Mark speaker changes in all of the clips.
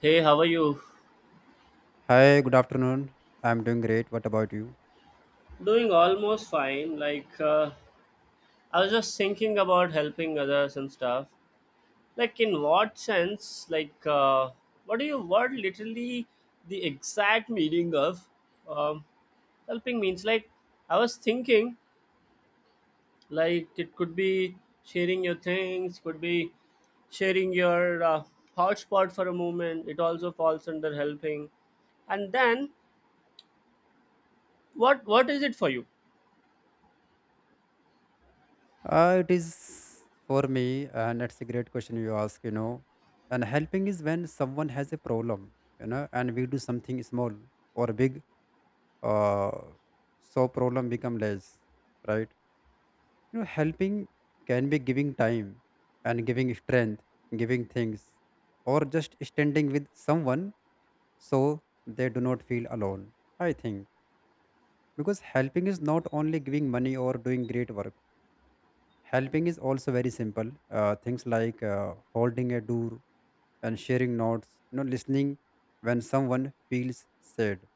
Speaker 1: Hey, how are you?
Speaker 2: Hi, good afternoon. I'm doing great. What about you?
Speaker 1: Doing almost fine. I was just thinking about helping others and stuff. Like, in what sense? What literally the exact meaning of um, helping means? Like, I was thinking, like, it could be sharing your things, could be sharing your hotspot for a moment. It also falls under helping. And then, what is it for you?
Speaker 2: It is for me, and it's a great question you ask. And helping is when someone has a problem, and we do something small or big, uh, so problem become less, right? Helping can be giving time and giving strength, giving things, or just standing with someone so they do not feel alone. I think because helping is not only giving money or doing great work. Helping is also very simple. Things like holding a door and sharing notes, listening when someone feels sad.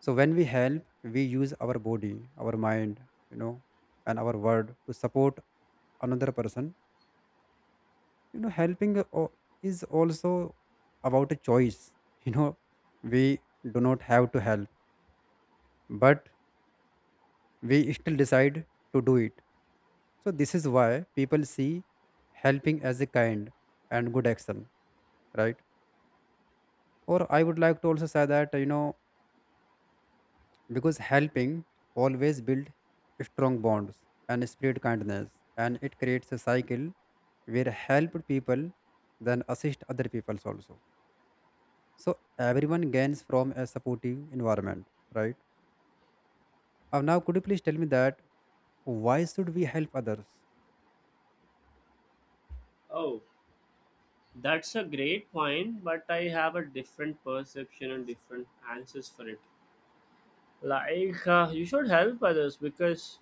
Speaker 2: So when we help, we use our body, our mind, you know, and our word to support another person. Helping is also about a choice. You know, we do not have to help, but we still decide to do it. So this is why people see helping as a kind and good action, right? Or I would like to also say that because helping always build strong bonds and spread kindness, and it creates a cycle where helped people then assist other peoples also, so everyone gains from a supportive environment, right? Now could you please tell me that why should we help others?
Speaker 1: Oh. That's a great point, but I have a different perception and different answers for it. You should help others because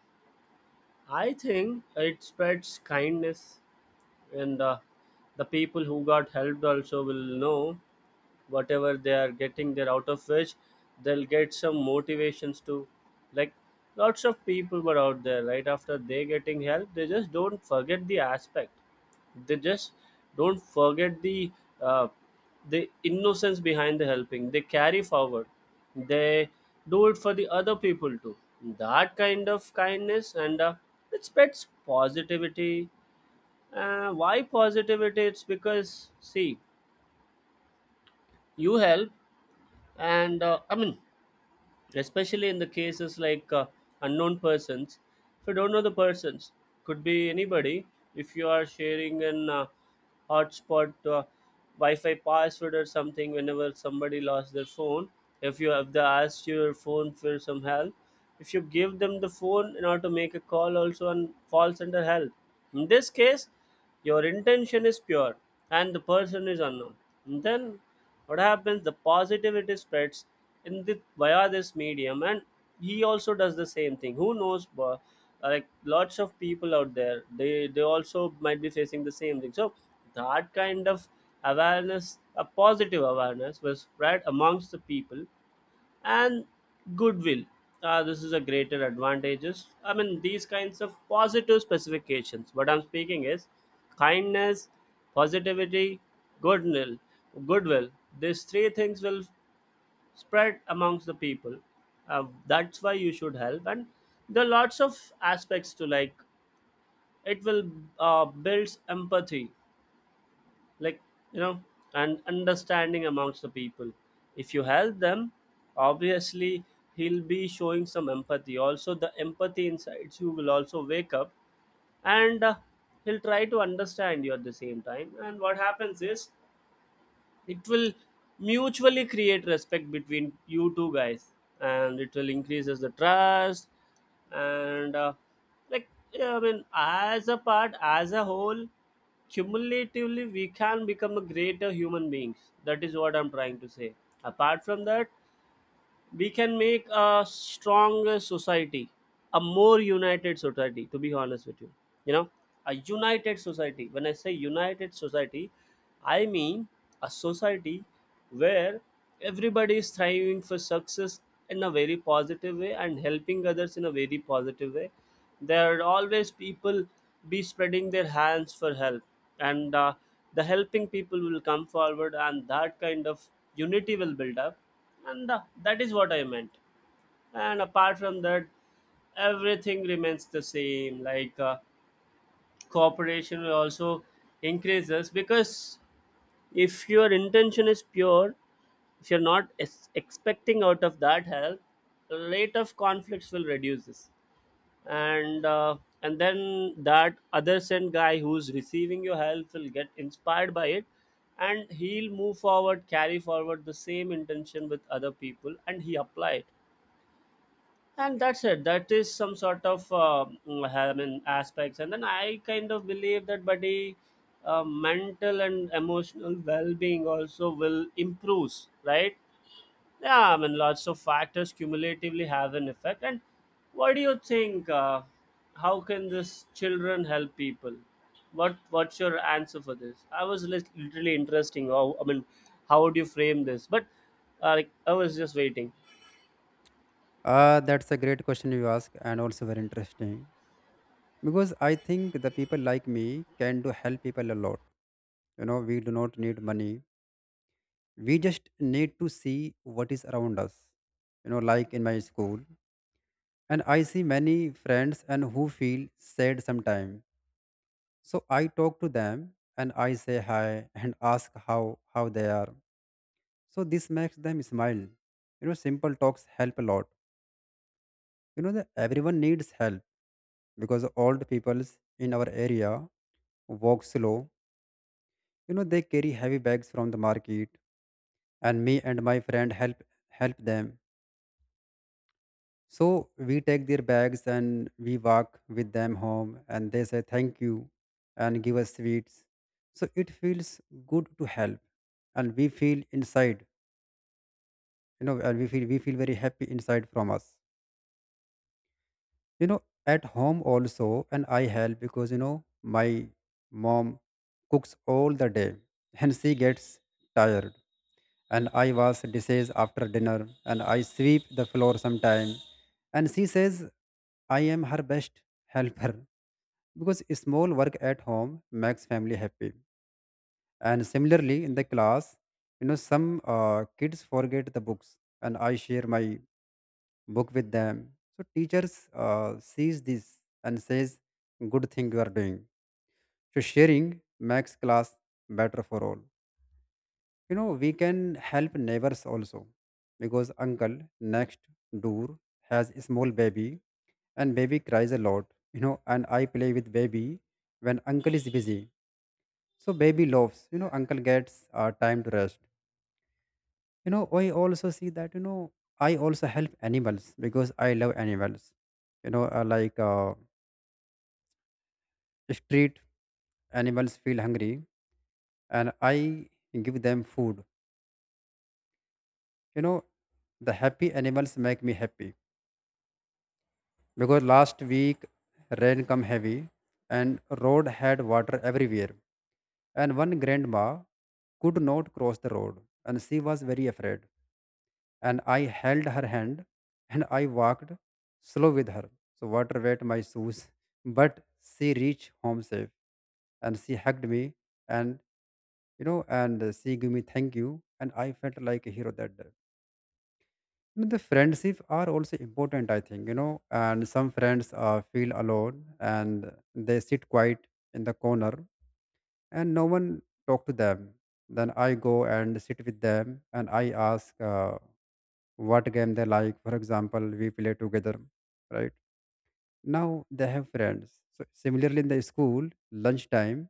Speaker 1: I think it spreads kindness, and the people who got helped also will know whatever they are getting they're out of which they'll get some motivations to like. Lots of people were out there. Right after they getting help, they just don't forget the aspect. They just don't forget uh, the innocence behind the helping. They carry forward, they do it for the other people too. That kind of kindness, and it spreads positivity. Uh, why positivity? It's because see, you help, and I mean, especially in the cases unknown persons. If you don't know the persons, could be anybody. If you are sharing an hotspot, wi-fi password or something, whenever somebody lost their phone, if you have the asked your phone for some help, if you give them the phone in order to make a call also, and falls under help. In this case, your intention is pure and the person is unknown, then what happens, the positivity spreads in the via this medium, and he also does the same thing. Who knows like lots of people out there, they also might be facing the same thing. So that kind of awareness, a positive awareness was spread amongst the people, and goodwill. This is a greater advantages. I mean, these kinds of positive specifications. What I'm speaking is kindness, positivity, goodwill. Goodwill. These three things will spread amongst the people. That's why you should help. And there are lots of aspects to, like. It will builds empathy, like, you know, and understanding amongst the people. If you help them, obviously, he'll be showing some empathy. Also the empathy insides you will also wake up, and he'll try to understand you at the same time, and what happens is, it will mutually create respect between you two guys, and it will increases the trust, and like, yeah, I mean, as a part, as a whole, cumulatively we can become a greater human beings. That is what I'm trying to say. Apart from that, we can make a stronger society, a more united society, to be honest with you, you know. A united society, when I say united society, I mean a society where everybody is striving for success in a very positive way, and helping others in a very positive way. There are always people be spreading their hands for help, and the helping people will come forward, and that kind of unity will build up, and that is what I meant. And apart from that, everything remains the same, cooperation will also increases, because if your intention is pure, if you're not es- expecting out of that help, rate of conflicts will reduces, and uh, and then that other send guy who's receiving your help will get inspired by it, and he'll move forward, carry forward the same intention with other people, and he apply it. And that's it. That is some sort of I mean, aspects. And then I kind of believe that, buddy, mental and emotional well-being also will improve, right? Yeah, I mean, lots of factors cumulatively have an effect. And what do you think, how can this children help people? What's your answer for this? I was literally interesting how, I mean, how would you frame this? But like, I was just waiting.
Speaker 2: That's a great question you ask and also very interesting because I think the people like me can do help people a lot. We do not need money. We just need to see what is around us. Like in my school, and I see many friends and who feel sad sometimes. So I talk to them and I say hi and ask how they are. So this makes them smile. Simple talks help a lot. You know that everyone needs help because old peoples in our area walk slow. They carry heavy bags from the market, and me and my friend help them. So we take their bags and we walk with them home, and they say thank you and give us sweets. So it feels good to help, and we feel inside, and we feel very happy inside from us. At home also, and I help because my mom cooks all the day, and she gets tired. And I wash dishes after dinner, and I sweep the floor sometime. And she says I am her best helper because small work at home makes family happy. And similarly in the class, some kids forget the books and I share my book with them. So teachers sees this and says good thing you are doing. So sharing makes class better for all. We can help neighbors also because uncle next door has a small baby and baby cries a lot. And I play with baby when uncle is busy. So baby loves, uncle gets time to rest. I also see that, I also help animals because I love animals. Like street animals feel hungry and I give them food. You know, the happy animals make me happy because last week rain come heavy and road had water everywhere and one grandma could not cross the road and she was very afraid and I held her hand and I walked slow with her. So water wet my shoes, but she reached home safe and she hugged me and you know and she gave me thank you and I felt like a hero that day. And the friendship are also important, I think, and some friends feel alone and they sit quiet in the corner and no one talk to them. Then I go and sit with them and I ask. What game they like. For example, we play together, right? Now they have friends. So similarly, in the school, lunchtime,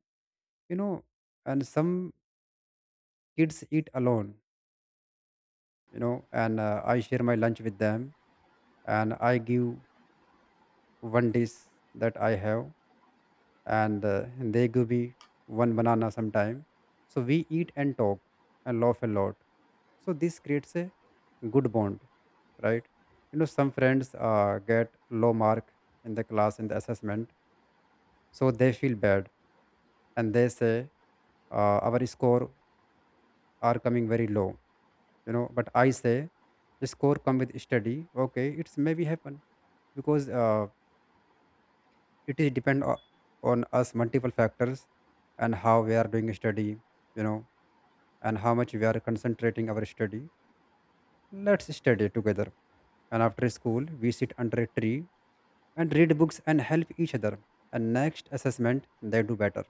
Speaker 2: you know, and some kids eat alone, and I share my lunch with them, and I give one dish that I have and they give me one banana sometime. So we eat and talk and laugh a lot. So this creates a good bond, right? Some friends get low mark in the class in the assessment, so they feel bad and they say our score are coming very low. But I say the score come with study. Okay, it's maybe happen because it is depend on us multiple factors and how we are doing study you know and how much we are concentrating our study. Let's study together, and after school we sit under a tree and read books and help each other, and next assessment they do better.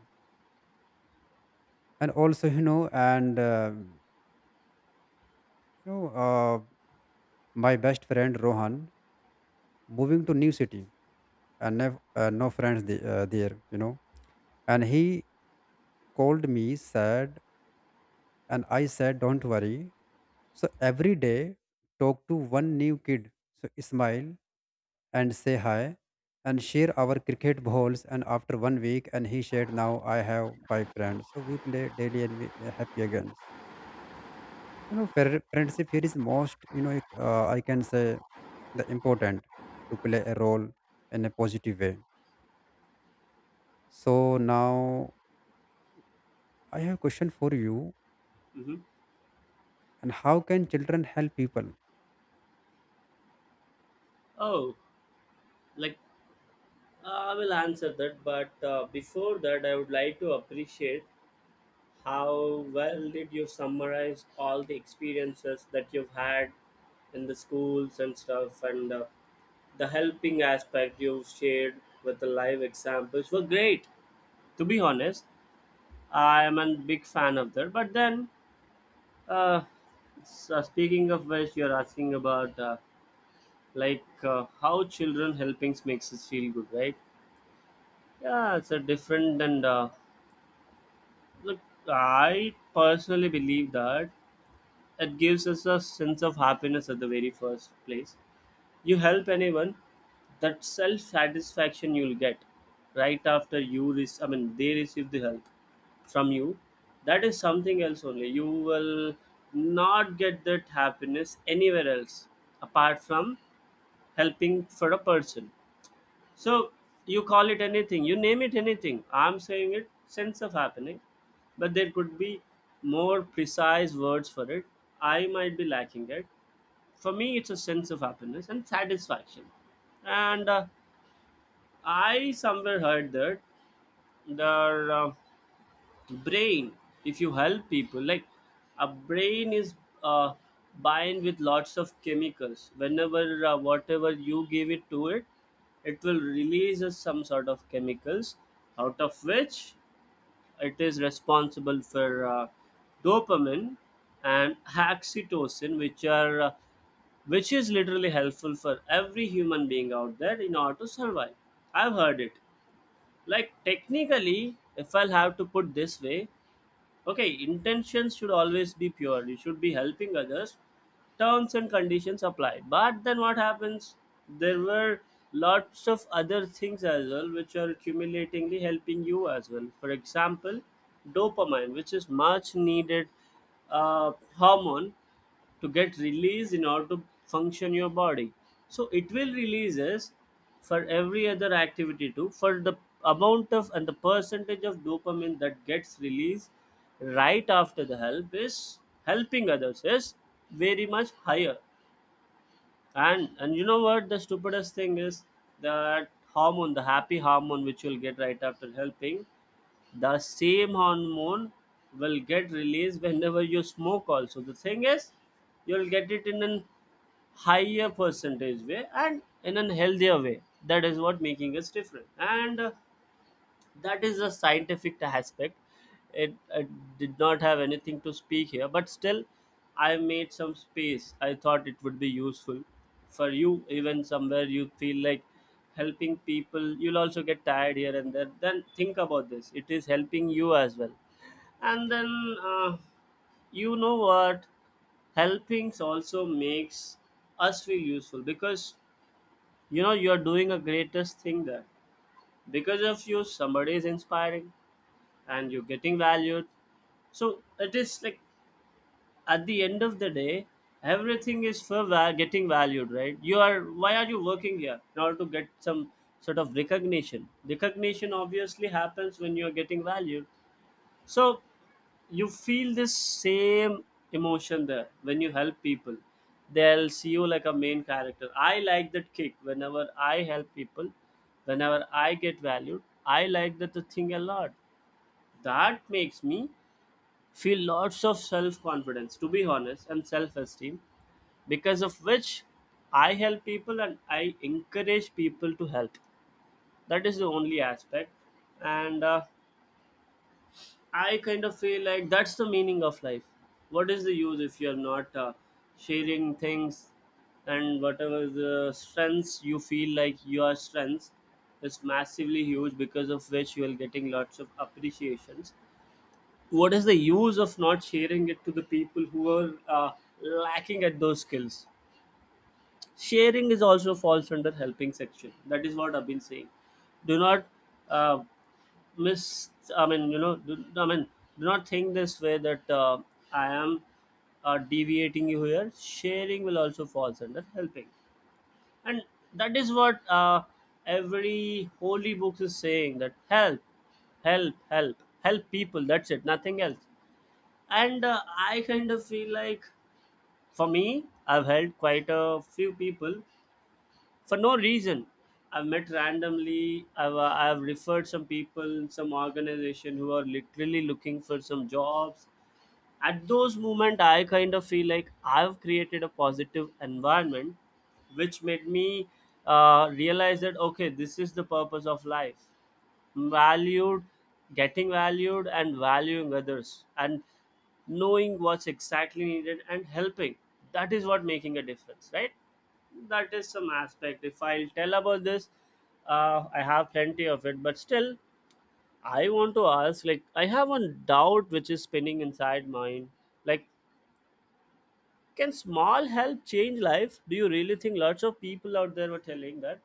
Speaker 2: And also, you know and you know my best friend Rohan moving to new city and have, no friends there. And he called me sad, and I said, don't worry. So every day, talk to one new kid. So smile and say hi and share our cricket balls. And after 1 week, and he shared, now I have five friends. So we play daily and we are happy again. Friendship here is most, I can say the important to play a role in a positive way. So now I have a question for you.
Speaker 1: Hmm.
Speaker 2: And how can children help people?
Speaker 1: Oh, like. I will answer that, but before that, I would like to appreciate how well did you summarize all the experiences that you've had in the schools and stuff, and the helping aspect you shared with the live examples were great. To be honest, I am a big fan of that. But then, uh, so speaking of which, you're asking about how children helpings makes us feel good, right? Yeah, it's a different, and look, I personally believe that it gives us a sense of happiness at the very first place. You help anyone, that self satisfaction you'll get right after you receive, I mean, they receive the help from you. That is something else only. You will not get that happiness anywhere else apart from helping for a person. So you call it anything, you name it anything. I'm saying it sense of happening, but there could be more precise words for it. I might be lacking it. For me, it's a sense of happiness and satisfaction. And I somewhere heard that there, brain, if you help people, like, a brain is uh, bind with lots of chemicals. Whenever whatever you give it to it, it will release us some sort of chemicals, out of which it is responsible for dopamine and oxytocin, which are which is literally helpful for every human being out there in order to survive. I've heard it. Like, technically, if I'll have to put this way, okay, intentions should always be pure, you should be helping others, terms and conditions apply. But then what happens, there were lots of other things as well which are accumulatingly helping you as well. For example, dopamine, which is much needed hormone to get released in order to function your body. So it will releases for every other activity too. For the amount of and the percentage of dopamine that gets released right after the help is helping others is very much higher. And you know what the stupidest thing is, that hormone, the happy hormone which you'll get right after helping, the same hormone will get released whenever you smoke also. The thing is, you'll get it in an higher percentage way, and in a healthier way. That is what making us different, and that is a scientific aspect. It, I did not have anything to speak here, but still I made some space. I thought it would be useful for you, even somewhere you feel like helping people you'll also get tired here and there. Then think about this, it is helping you as well. And then you know what, helpings also makes us feel useful, because, you know, you're doing a greatest thing there. Because of you somebody is inspiring, and you're getting valued. So it is like, at the end of the day, everything is for getting valued, right? You are, why are you working here in order to get some sort of recognition? Recognition obviously happens when you're getting valued. So you feel this same emotion there when you help people. They'll see you like a main character. I like that kick whenever I help people, whenever I get valued. I like that thing a lot. That makes me feel lots of self confidence, to be honest, and self esteem, because of which I help people and I encourage people to help. That is the only aspect. And I kind of feel like that's the meaning of life. What is the use if you're not sharing things and whatever the strengths you feel like your strengths is massively huge because of which you are getting lots of appreciations? What is the use of not sharing it to the people who are lacking at those skills? Sharing is also falls under helping section. That is what I've been saying. Do not uh, miss I mean you know do, I mean do not think this way that I am deviating you here. Sharing will also falls under helping, and that is what every holy book is saying, that help help help people, that's it, nothing else. And I kind of feel like for me I've helped quite a few people for no reason I've met randomly. I've referred some people in some organization who are literally looking for some jobs. At those moment I kind of feel like I've created a positive environment, which made me realize that okay, this is the purpose of life. Valued, getting valued and valuing others, and knowing what's exactly needed and helping, that is what making a difference, right? That is some aspect. If I'll tell about this, I have plenty of it, but still I want to ask, like, I have one doubt which is spinning inside mine, like, can small help change life? Do you really think? Lots of people out there were telling that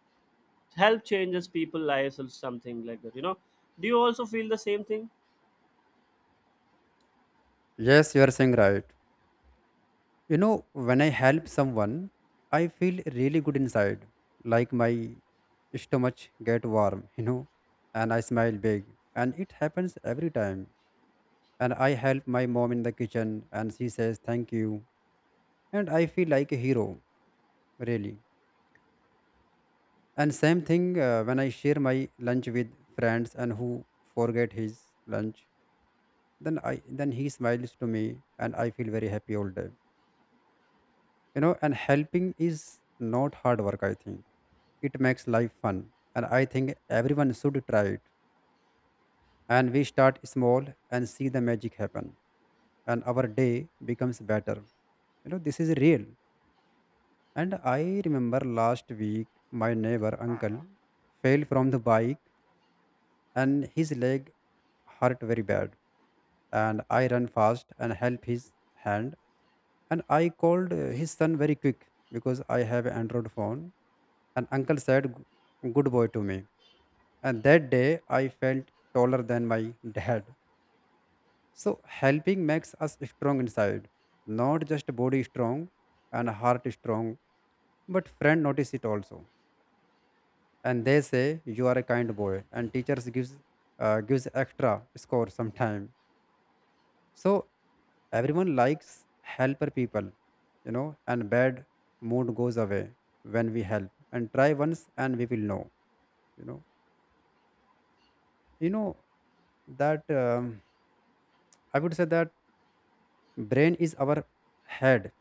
Speaker 1: help changes people lives or something like that, you know. Do you also feel the same thing?
Speaker 2: Yes, you are saying right. When I help someone, I feel really good inside, like my stomach get warm, and I smile big. And it happens every time. And I help my mom in the kitchen and she says thank you. And I feel like a hero, really. And same thing when I share my lunch with friends and who forget his lunch, then I then he smiles to me and I feel very happy all day. And helping is not hard work. I think it makes life fun. And I think everyone should try it. And we start small and see the magic happen, and our day becomes better. This is real. And I remember last week my neighbor uncle fell from the bike and his leg hurt very bad. And I ran fast and help his hand. And I called his son very quick because I have Android phone. And uncle said, Good boy" to me. And that day I felt taller than my dad. So helping makes us strong inside, not just body strong and heart strong. But friend notice it also, and they say you are a kind boy. And teachers gives extra score sometime. So everyone likes helper people. And bad mood goes away when we help. And try once and we will know you know you know that I would say that brain is our head,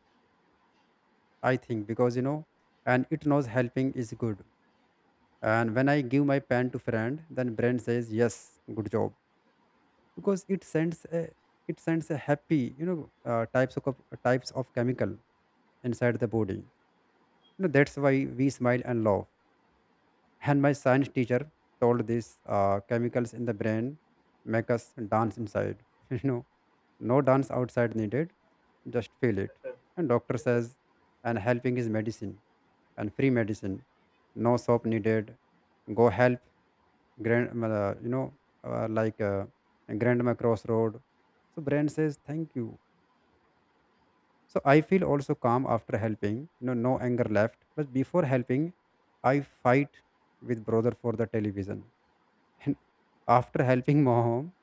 Speaker 2: I think, because and it knows helping is good. And when I give my pen to friend then brain says yes, good job. Because it sends a happy, types of chemical inside the body. That's why we smile and laugh. And my science teacher told this chemicals in the brain make us dance inside, you know no dance outside needed, just feel it. And doctor says and helping is medicine and free medicine. No soap needed. Go help grand you know like grandma crossroad. So brain says thank you. So I feel also calm after helping, no anger left. But before helping, I fight with brother for the television. And after helping mom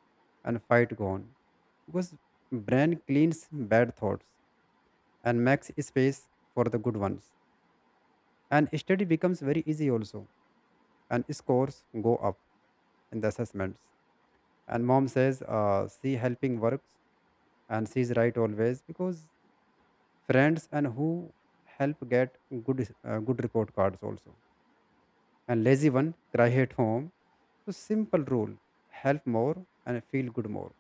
Speaker 2: and fight gone. Because brain cleans bad thoughts and makes space for the good ones. And study becomes very easy also. And scores go up in the assessments. And mom says, see helping works. And she's right always because friends and who help get good report cards also. And lazy one cry at home. So simple rule, help more and feel good more.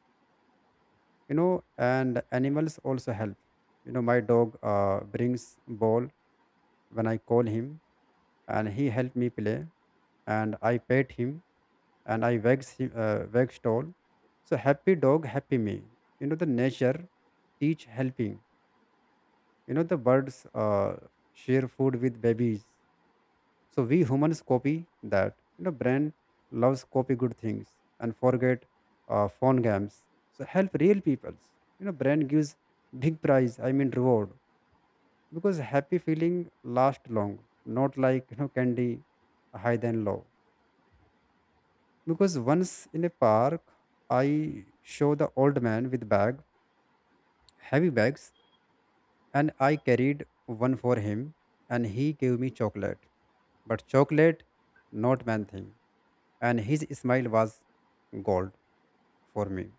Speaker 2: you know and animals also help. My dog brings ball when I call him. And he help me play and I pet him and I wax him, wax doll. So happy dog happy me. The nature teach helping. The birds uh, share food with babies. So we humans copy that. Brain loves copy good things and forget phone games. So help real peoples. Brain gives big prize. I mean reward because happy feeling last long, not like candy high then low. Because once in a park, I show the old man with bag, heavy bags, and I carried one for him, and he gave me chocolate. But chocolate, not man thing, and his smile was gold for me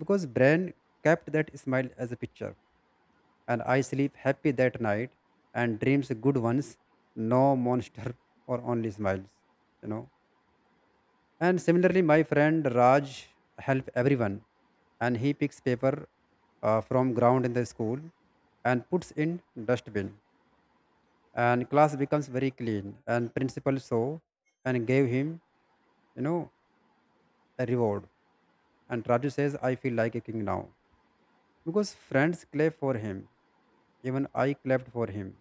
Speaker 2: because brain kept that smile as a picture, and I sleep happy that night, and dreams good ones, no monster or only smiles, you know and similarly my friend Raj help everyone, and he picks paper from ground in the school and puts in dustbin, and class becomes very clean, and principal saw and gave him, you know a reward. And Raju says, I feel like a king now because friends clap for him. Even I clapped for him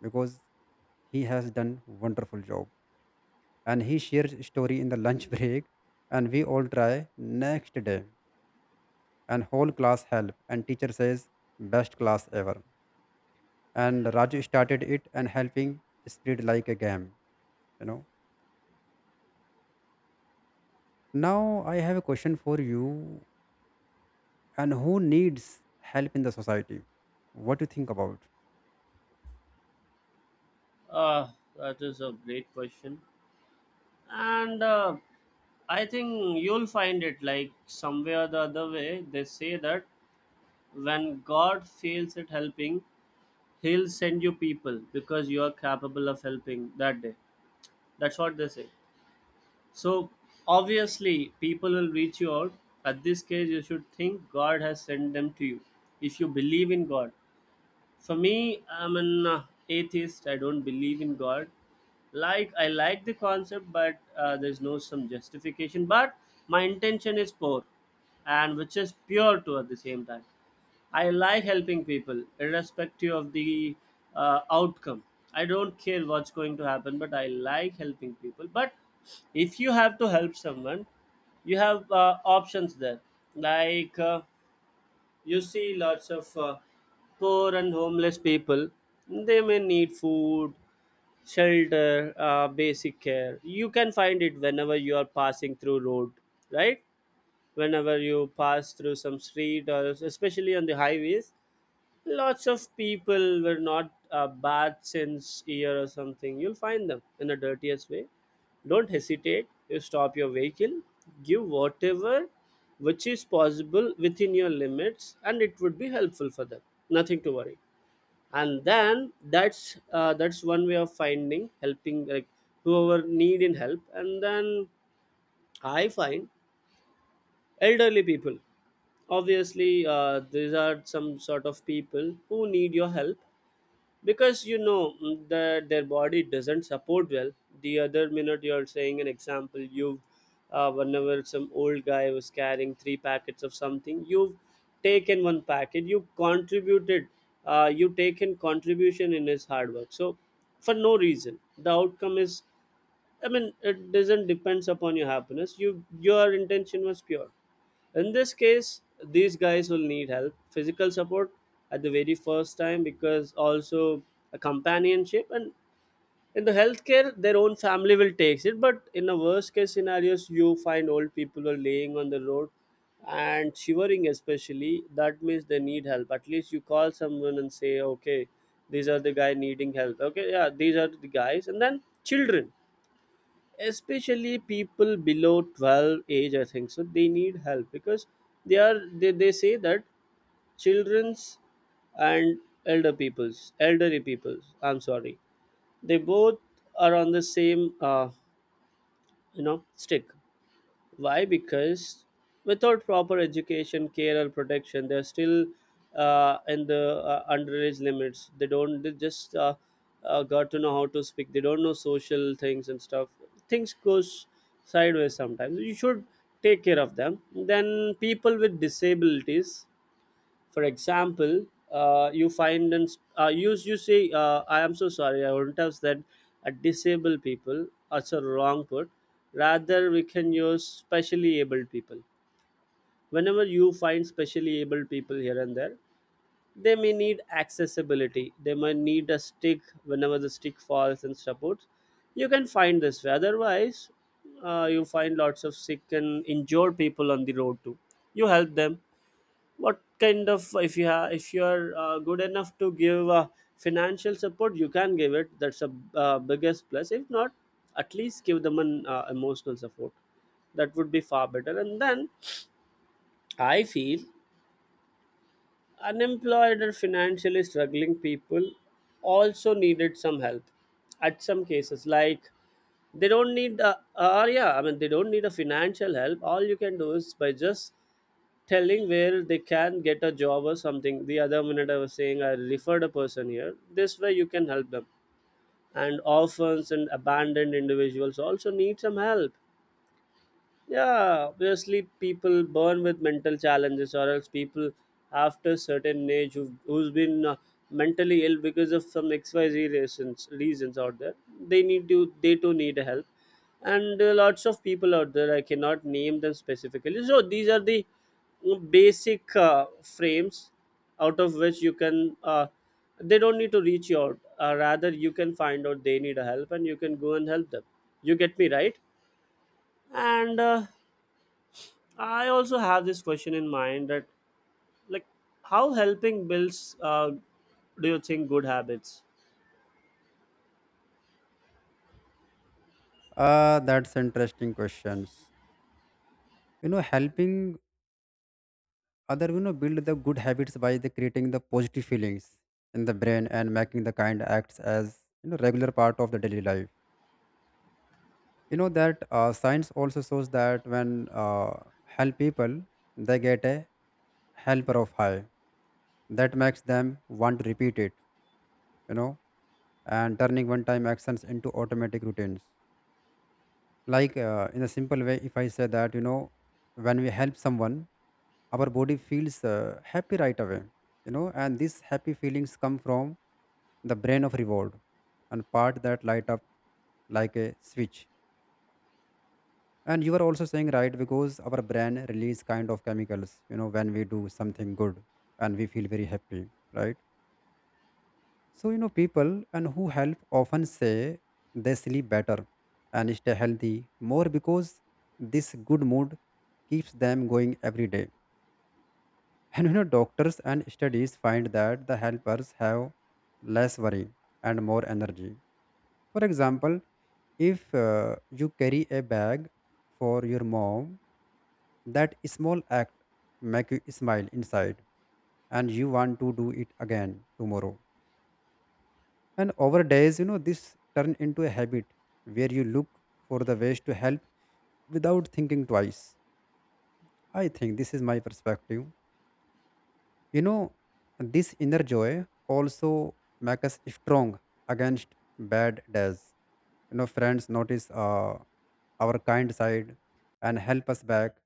Speaker 2: because he has done wonderful job. And he shared story in the lunch break, and we all try next day. And whole class help, and teacher says best class ever. And Raju started it, and helping spread like a game. You know. Now I have a question for you. And who needs help in the society? What do you think about?
Speaker 1: Uh, that is a great question. And I think you'll find it like somewhere or the other way. They say that when God fails at helping, He'll send you people because you are capable of helping that day. That's what they say. So, obviously, people will reach you out. At this case, you should think God has sent them to you. If you believe in God. For me, I'm an atheist. I don't believe in God. Like, I like the concept, but there's no some justification. But my intention is poor, and which is pure too at the same time. I like helping people, irrespective of the outcome. I don't care what's going to happen, but I like helping people. But if you have to help someone, you have options there, like. You see lots of poor and homeless people. They may need food, shelter, basic care. You can find it whenever you are passing through road, right? Whenever you pass through some street or especially on the highways, lots of people were not bathed since year or something. You'll find them in the dirtiest way. Don't hesitate, you stop your vehicle, give whatever which is possible within your limits, and it would be helpful for them. Nothing to worry. And then that's one way of finding helping, like whoever need in help. And then I find elderly people. Obviously these are some sort of people who need your help because, you know, mm, their body doesn't support well. The other minute you're saying an example, you've whenever some old guy was carrying three packets of something, you've taken one packet, you contributed, you taken contribution in his hard work. So for no reason, the outcome is, I mean, it doesn't depends upon your happiness. Your intention was pure. In this case, these guys will need help, physical support at the very first time, because also a companionship, and in the healthcare their own family will take it. But in a worst case scenarios you find old people are laying on the road and shivering especially, that means they need help. At least you call someone and say, okay, these are the guy needing help. Okay, yeah, these are the guys. And then children, especially people below 12 age, I think so, they need help because they say that children's and elderly peoples, I'm sorry, they both are on the same stick. Why? Because without proper education, care, or protection, they're still in the underage limits. They don't. They just got to know how to speak. They don't know social things and stuff. Things goes sideways sometimes. You should take care of them. Then people with disabilities, for example, you find and you you say, I am so sorry, I wouldn't have said a disabled people, that's a wrong put, rather we can use specially abled people. Whenever you find specially able people here and there, they may need accessibility, they may need a stick whenever the stick falls and supports. You can find this way. Otherwise you find lots of sick and injured people on the road too. You help them. What kind of, if you're good enough to give financial support, you can give it, that's a biggest plus. If not, at least give them an emotional support, that would be far better. And then I feel unemployed or financially struggling people also needed some help. At some cases, like, they don't need they don't need a financial help. All you can do is by just telling where they can get a job or something. The other minute I was saying I referred a person here. This way you can help them. And orphans and abandoned individuals also need some help. Yeah, obviously people born with mental challenges, or else people after certain age who's been mentally ill because of some X Y Z reasons out there. They too need help, and lots of people out there. I cannot name them specifically. So these are the basic frames out of which you can. They don't need to reach you out. Rather, you can find out they need a help, and you can go and help them. You get me right? And I also have this question in mind that, like, how helping builds, do you think, good habits?
Speaker 2: Ah, that's interesting questions. Helping Other, build the good habits by the creating the positive feelings in the brain and making the kind acts as, regular part of the daily life. You know that science also shows that when uh, help people, they get a helper of high that makes them want to repeat it. You know, and turning one-time actions into automatic routines. Like in a simple way, if I say that, when we help someone, our body feels happy right away. And these happy feelings come from the brain of reward and part that light up like a switch. And you are also saying right because our brain release kind of chemicals, when we do something good, and we feel very happy, right? So, people and who help often say they sleep better and stay healthy more because this good mood keeps them going every day. And doctors and studies find that the helpers have less worry and more energy. For example, if you carry a bag for your mom, that small act make you smile inside, and you want to do it again tomorrow. And over days, this turn into a habit where you look for the ways to help without thinking twice. I think this is my perspective. You know, this inner joy also make us strong against bad days. Friends notice our kind side and help us back,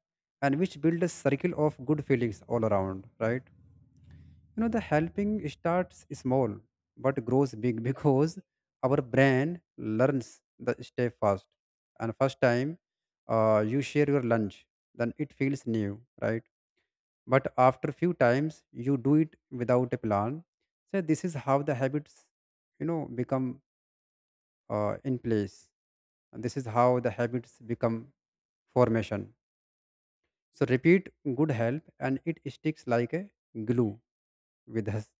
Speaker 2: and which build a circle of good feelings all around, right? The helping starts small but grows big because our brain learns the step fast. And first time you share your lunch, then it feels new, right? But after few times you do it without a plan. So this is how the habits, become in place, and this is how the habits become formation. So repeat good help, and it sticks like a glue with us.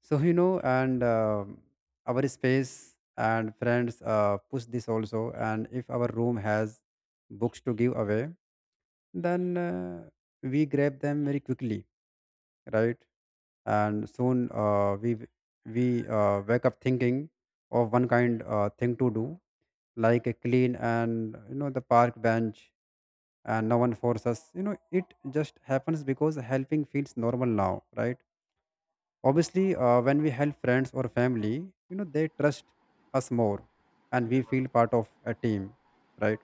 Speaker 2: So, you know and our space and friends push this also. And if our room has books to give away, then we grab them very quickly, right? And soon we wake up thinking of one kind thing to do, like a clean and the park bench. And no one forces us. It just happens because helping feels normal now, right? Obviously, when we help friends or family, they trust us more, and
Speaker 1: Yeah.
Speaker 2: we feel part of a team, right?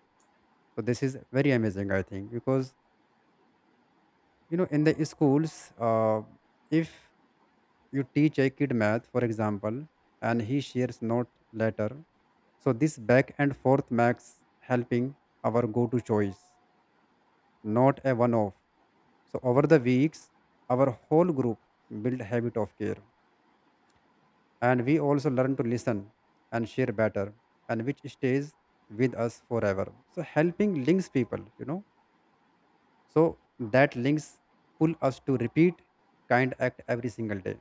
Speaker 2: So this is very amazing, I think, because, in the schools, if you teach a kid math, for example, and he shares note later. So this back and forth makes helping our go-to choice, not a one-off. So over the weeks, our whole group build habit of care, and we also learn to listen and share better, and which stays with us forever. So helping links people, So that links pull us to repeat kind act every single day.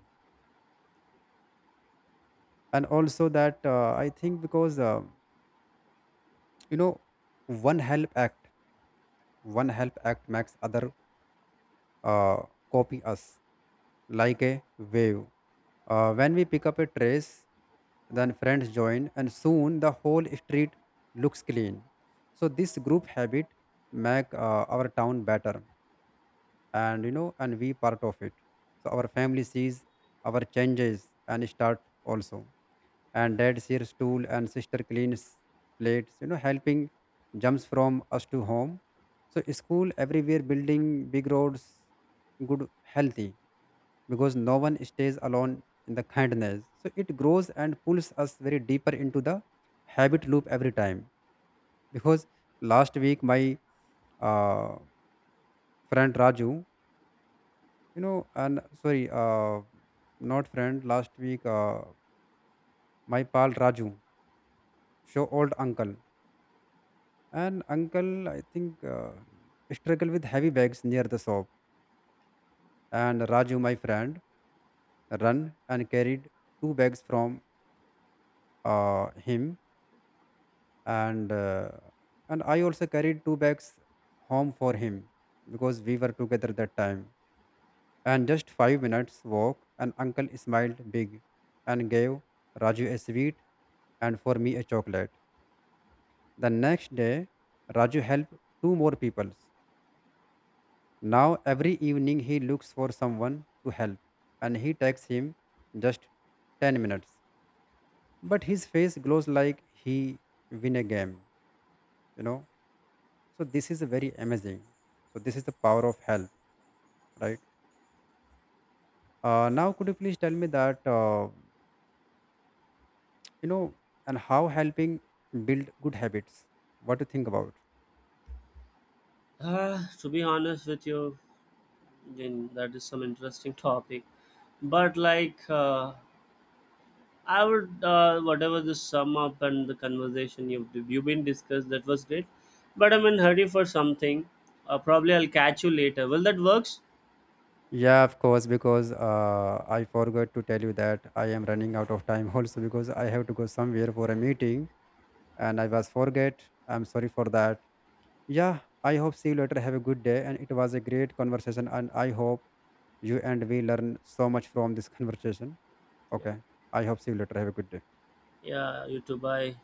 Speaker 2: And also that I think because you know one help act one help act makes other uh, copy us like a wave. When we pick up a trace, then friends join, and soon the whole street looks clean. So this group habit make our town better, and we part of it. So our family sees our changes and start also, and dad shares tool and sister cleans plates. Helping jumps from us to home. So school everywhere building big roads, good, healthy, because no one stays alone in the kindness. So it grows and pulls us very deeper into the habit loop every time because last week my uh, friend Raju, you know, and sorry, not friend, last week, my pal Raju, so old uncle. And uncle, I think, struggle with heavy bags near the shop. And Raju, my friend, ran and carried two bags from him, and uh, and I also carried two bags home for him because we were together that time. And just 5 minutes walk, and uncle smiled big, and gave Raju a sweet, and for me a chocolate. The next day, Raju helped two more people. Now every evening he looks for someone to help, and he takes him just 10 minutes. But his face glows like he win a game, you know. So this is very amazing. So this is the power of help, right? Now could you please tell me that, you know, and how helping build good habits? What do you think about?
Speaker 1: To be honest with you, then that is some interesting topic. But like, I would, whatever the sum up and the conversation you've been discussed, that was great. But I'm in hurry for something. Probably I'll catch you later. Will that works?
Speaker 2: Yeah, of course, because I forgot to tell you that I am running out of time also because I have to go somewhere for a meeting. And I was forget. I'm sorry for that. Yeah, I hope see you later. Have a good day. And it was a great conversation, and I hope you and we learn so much from this conversation.
Speaker 1: Yeah.
Speaker 2: Okay, I hope see you later. Have a good day.
Speaker 1: Yeah, you too. Bye.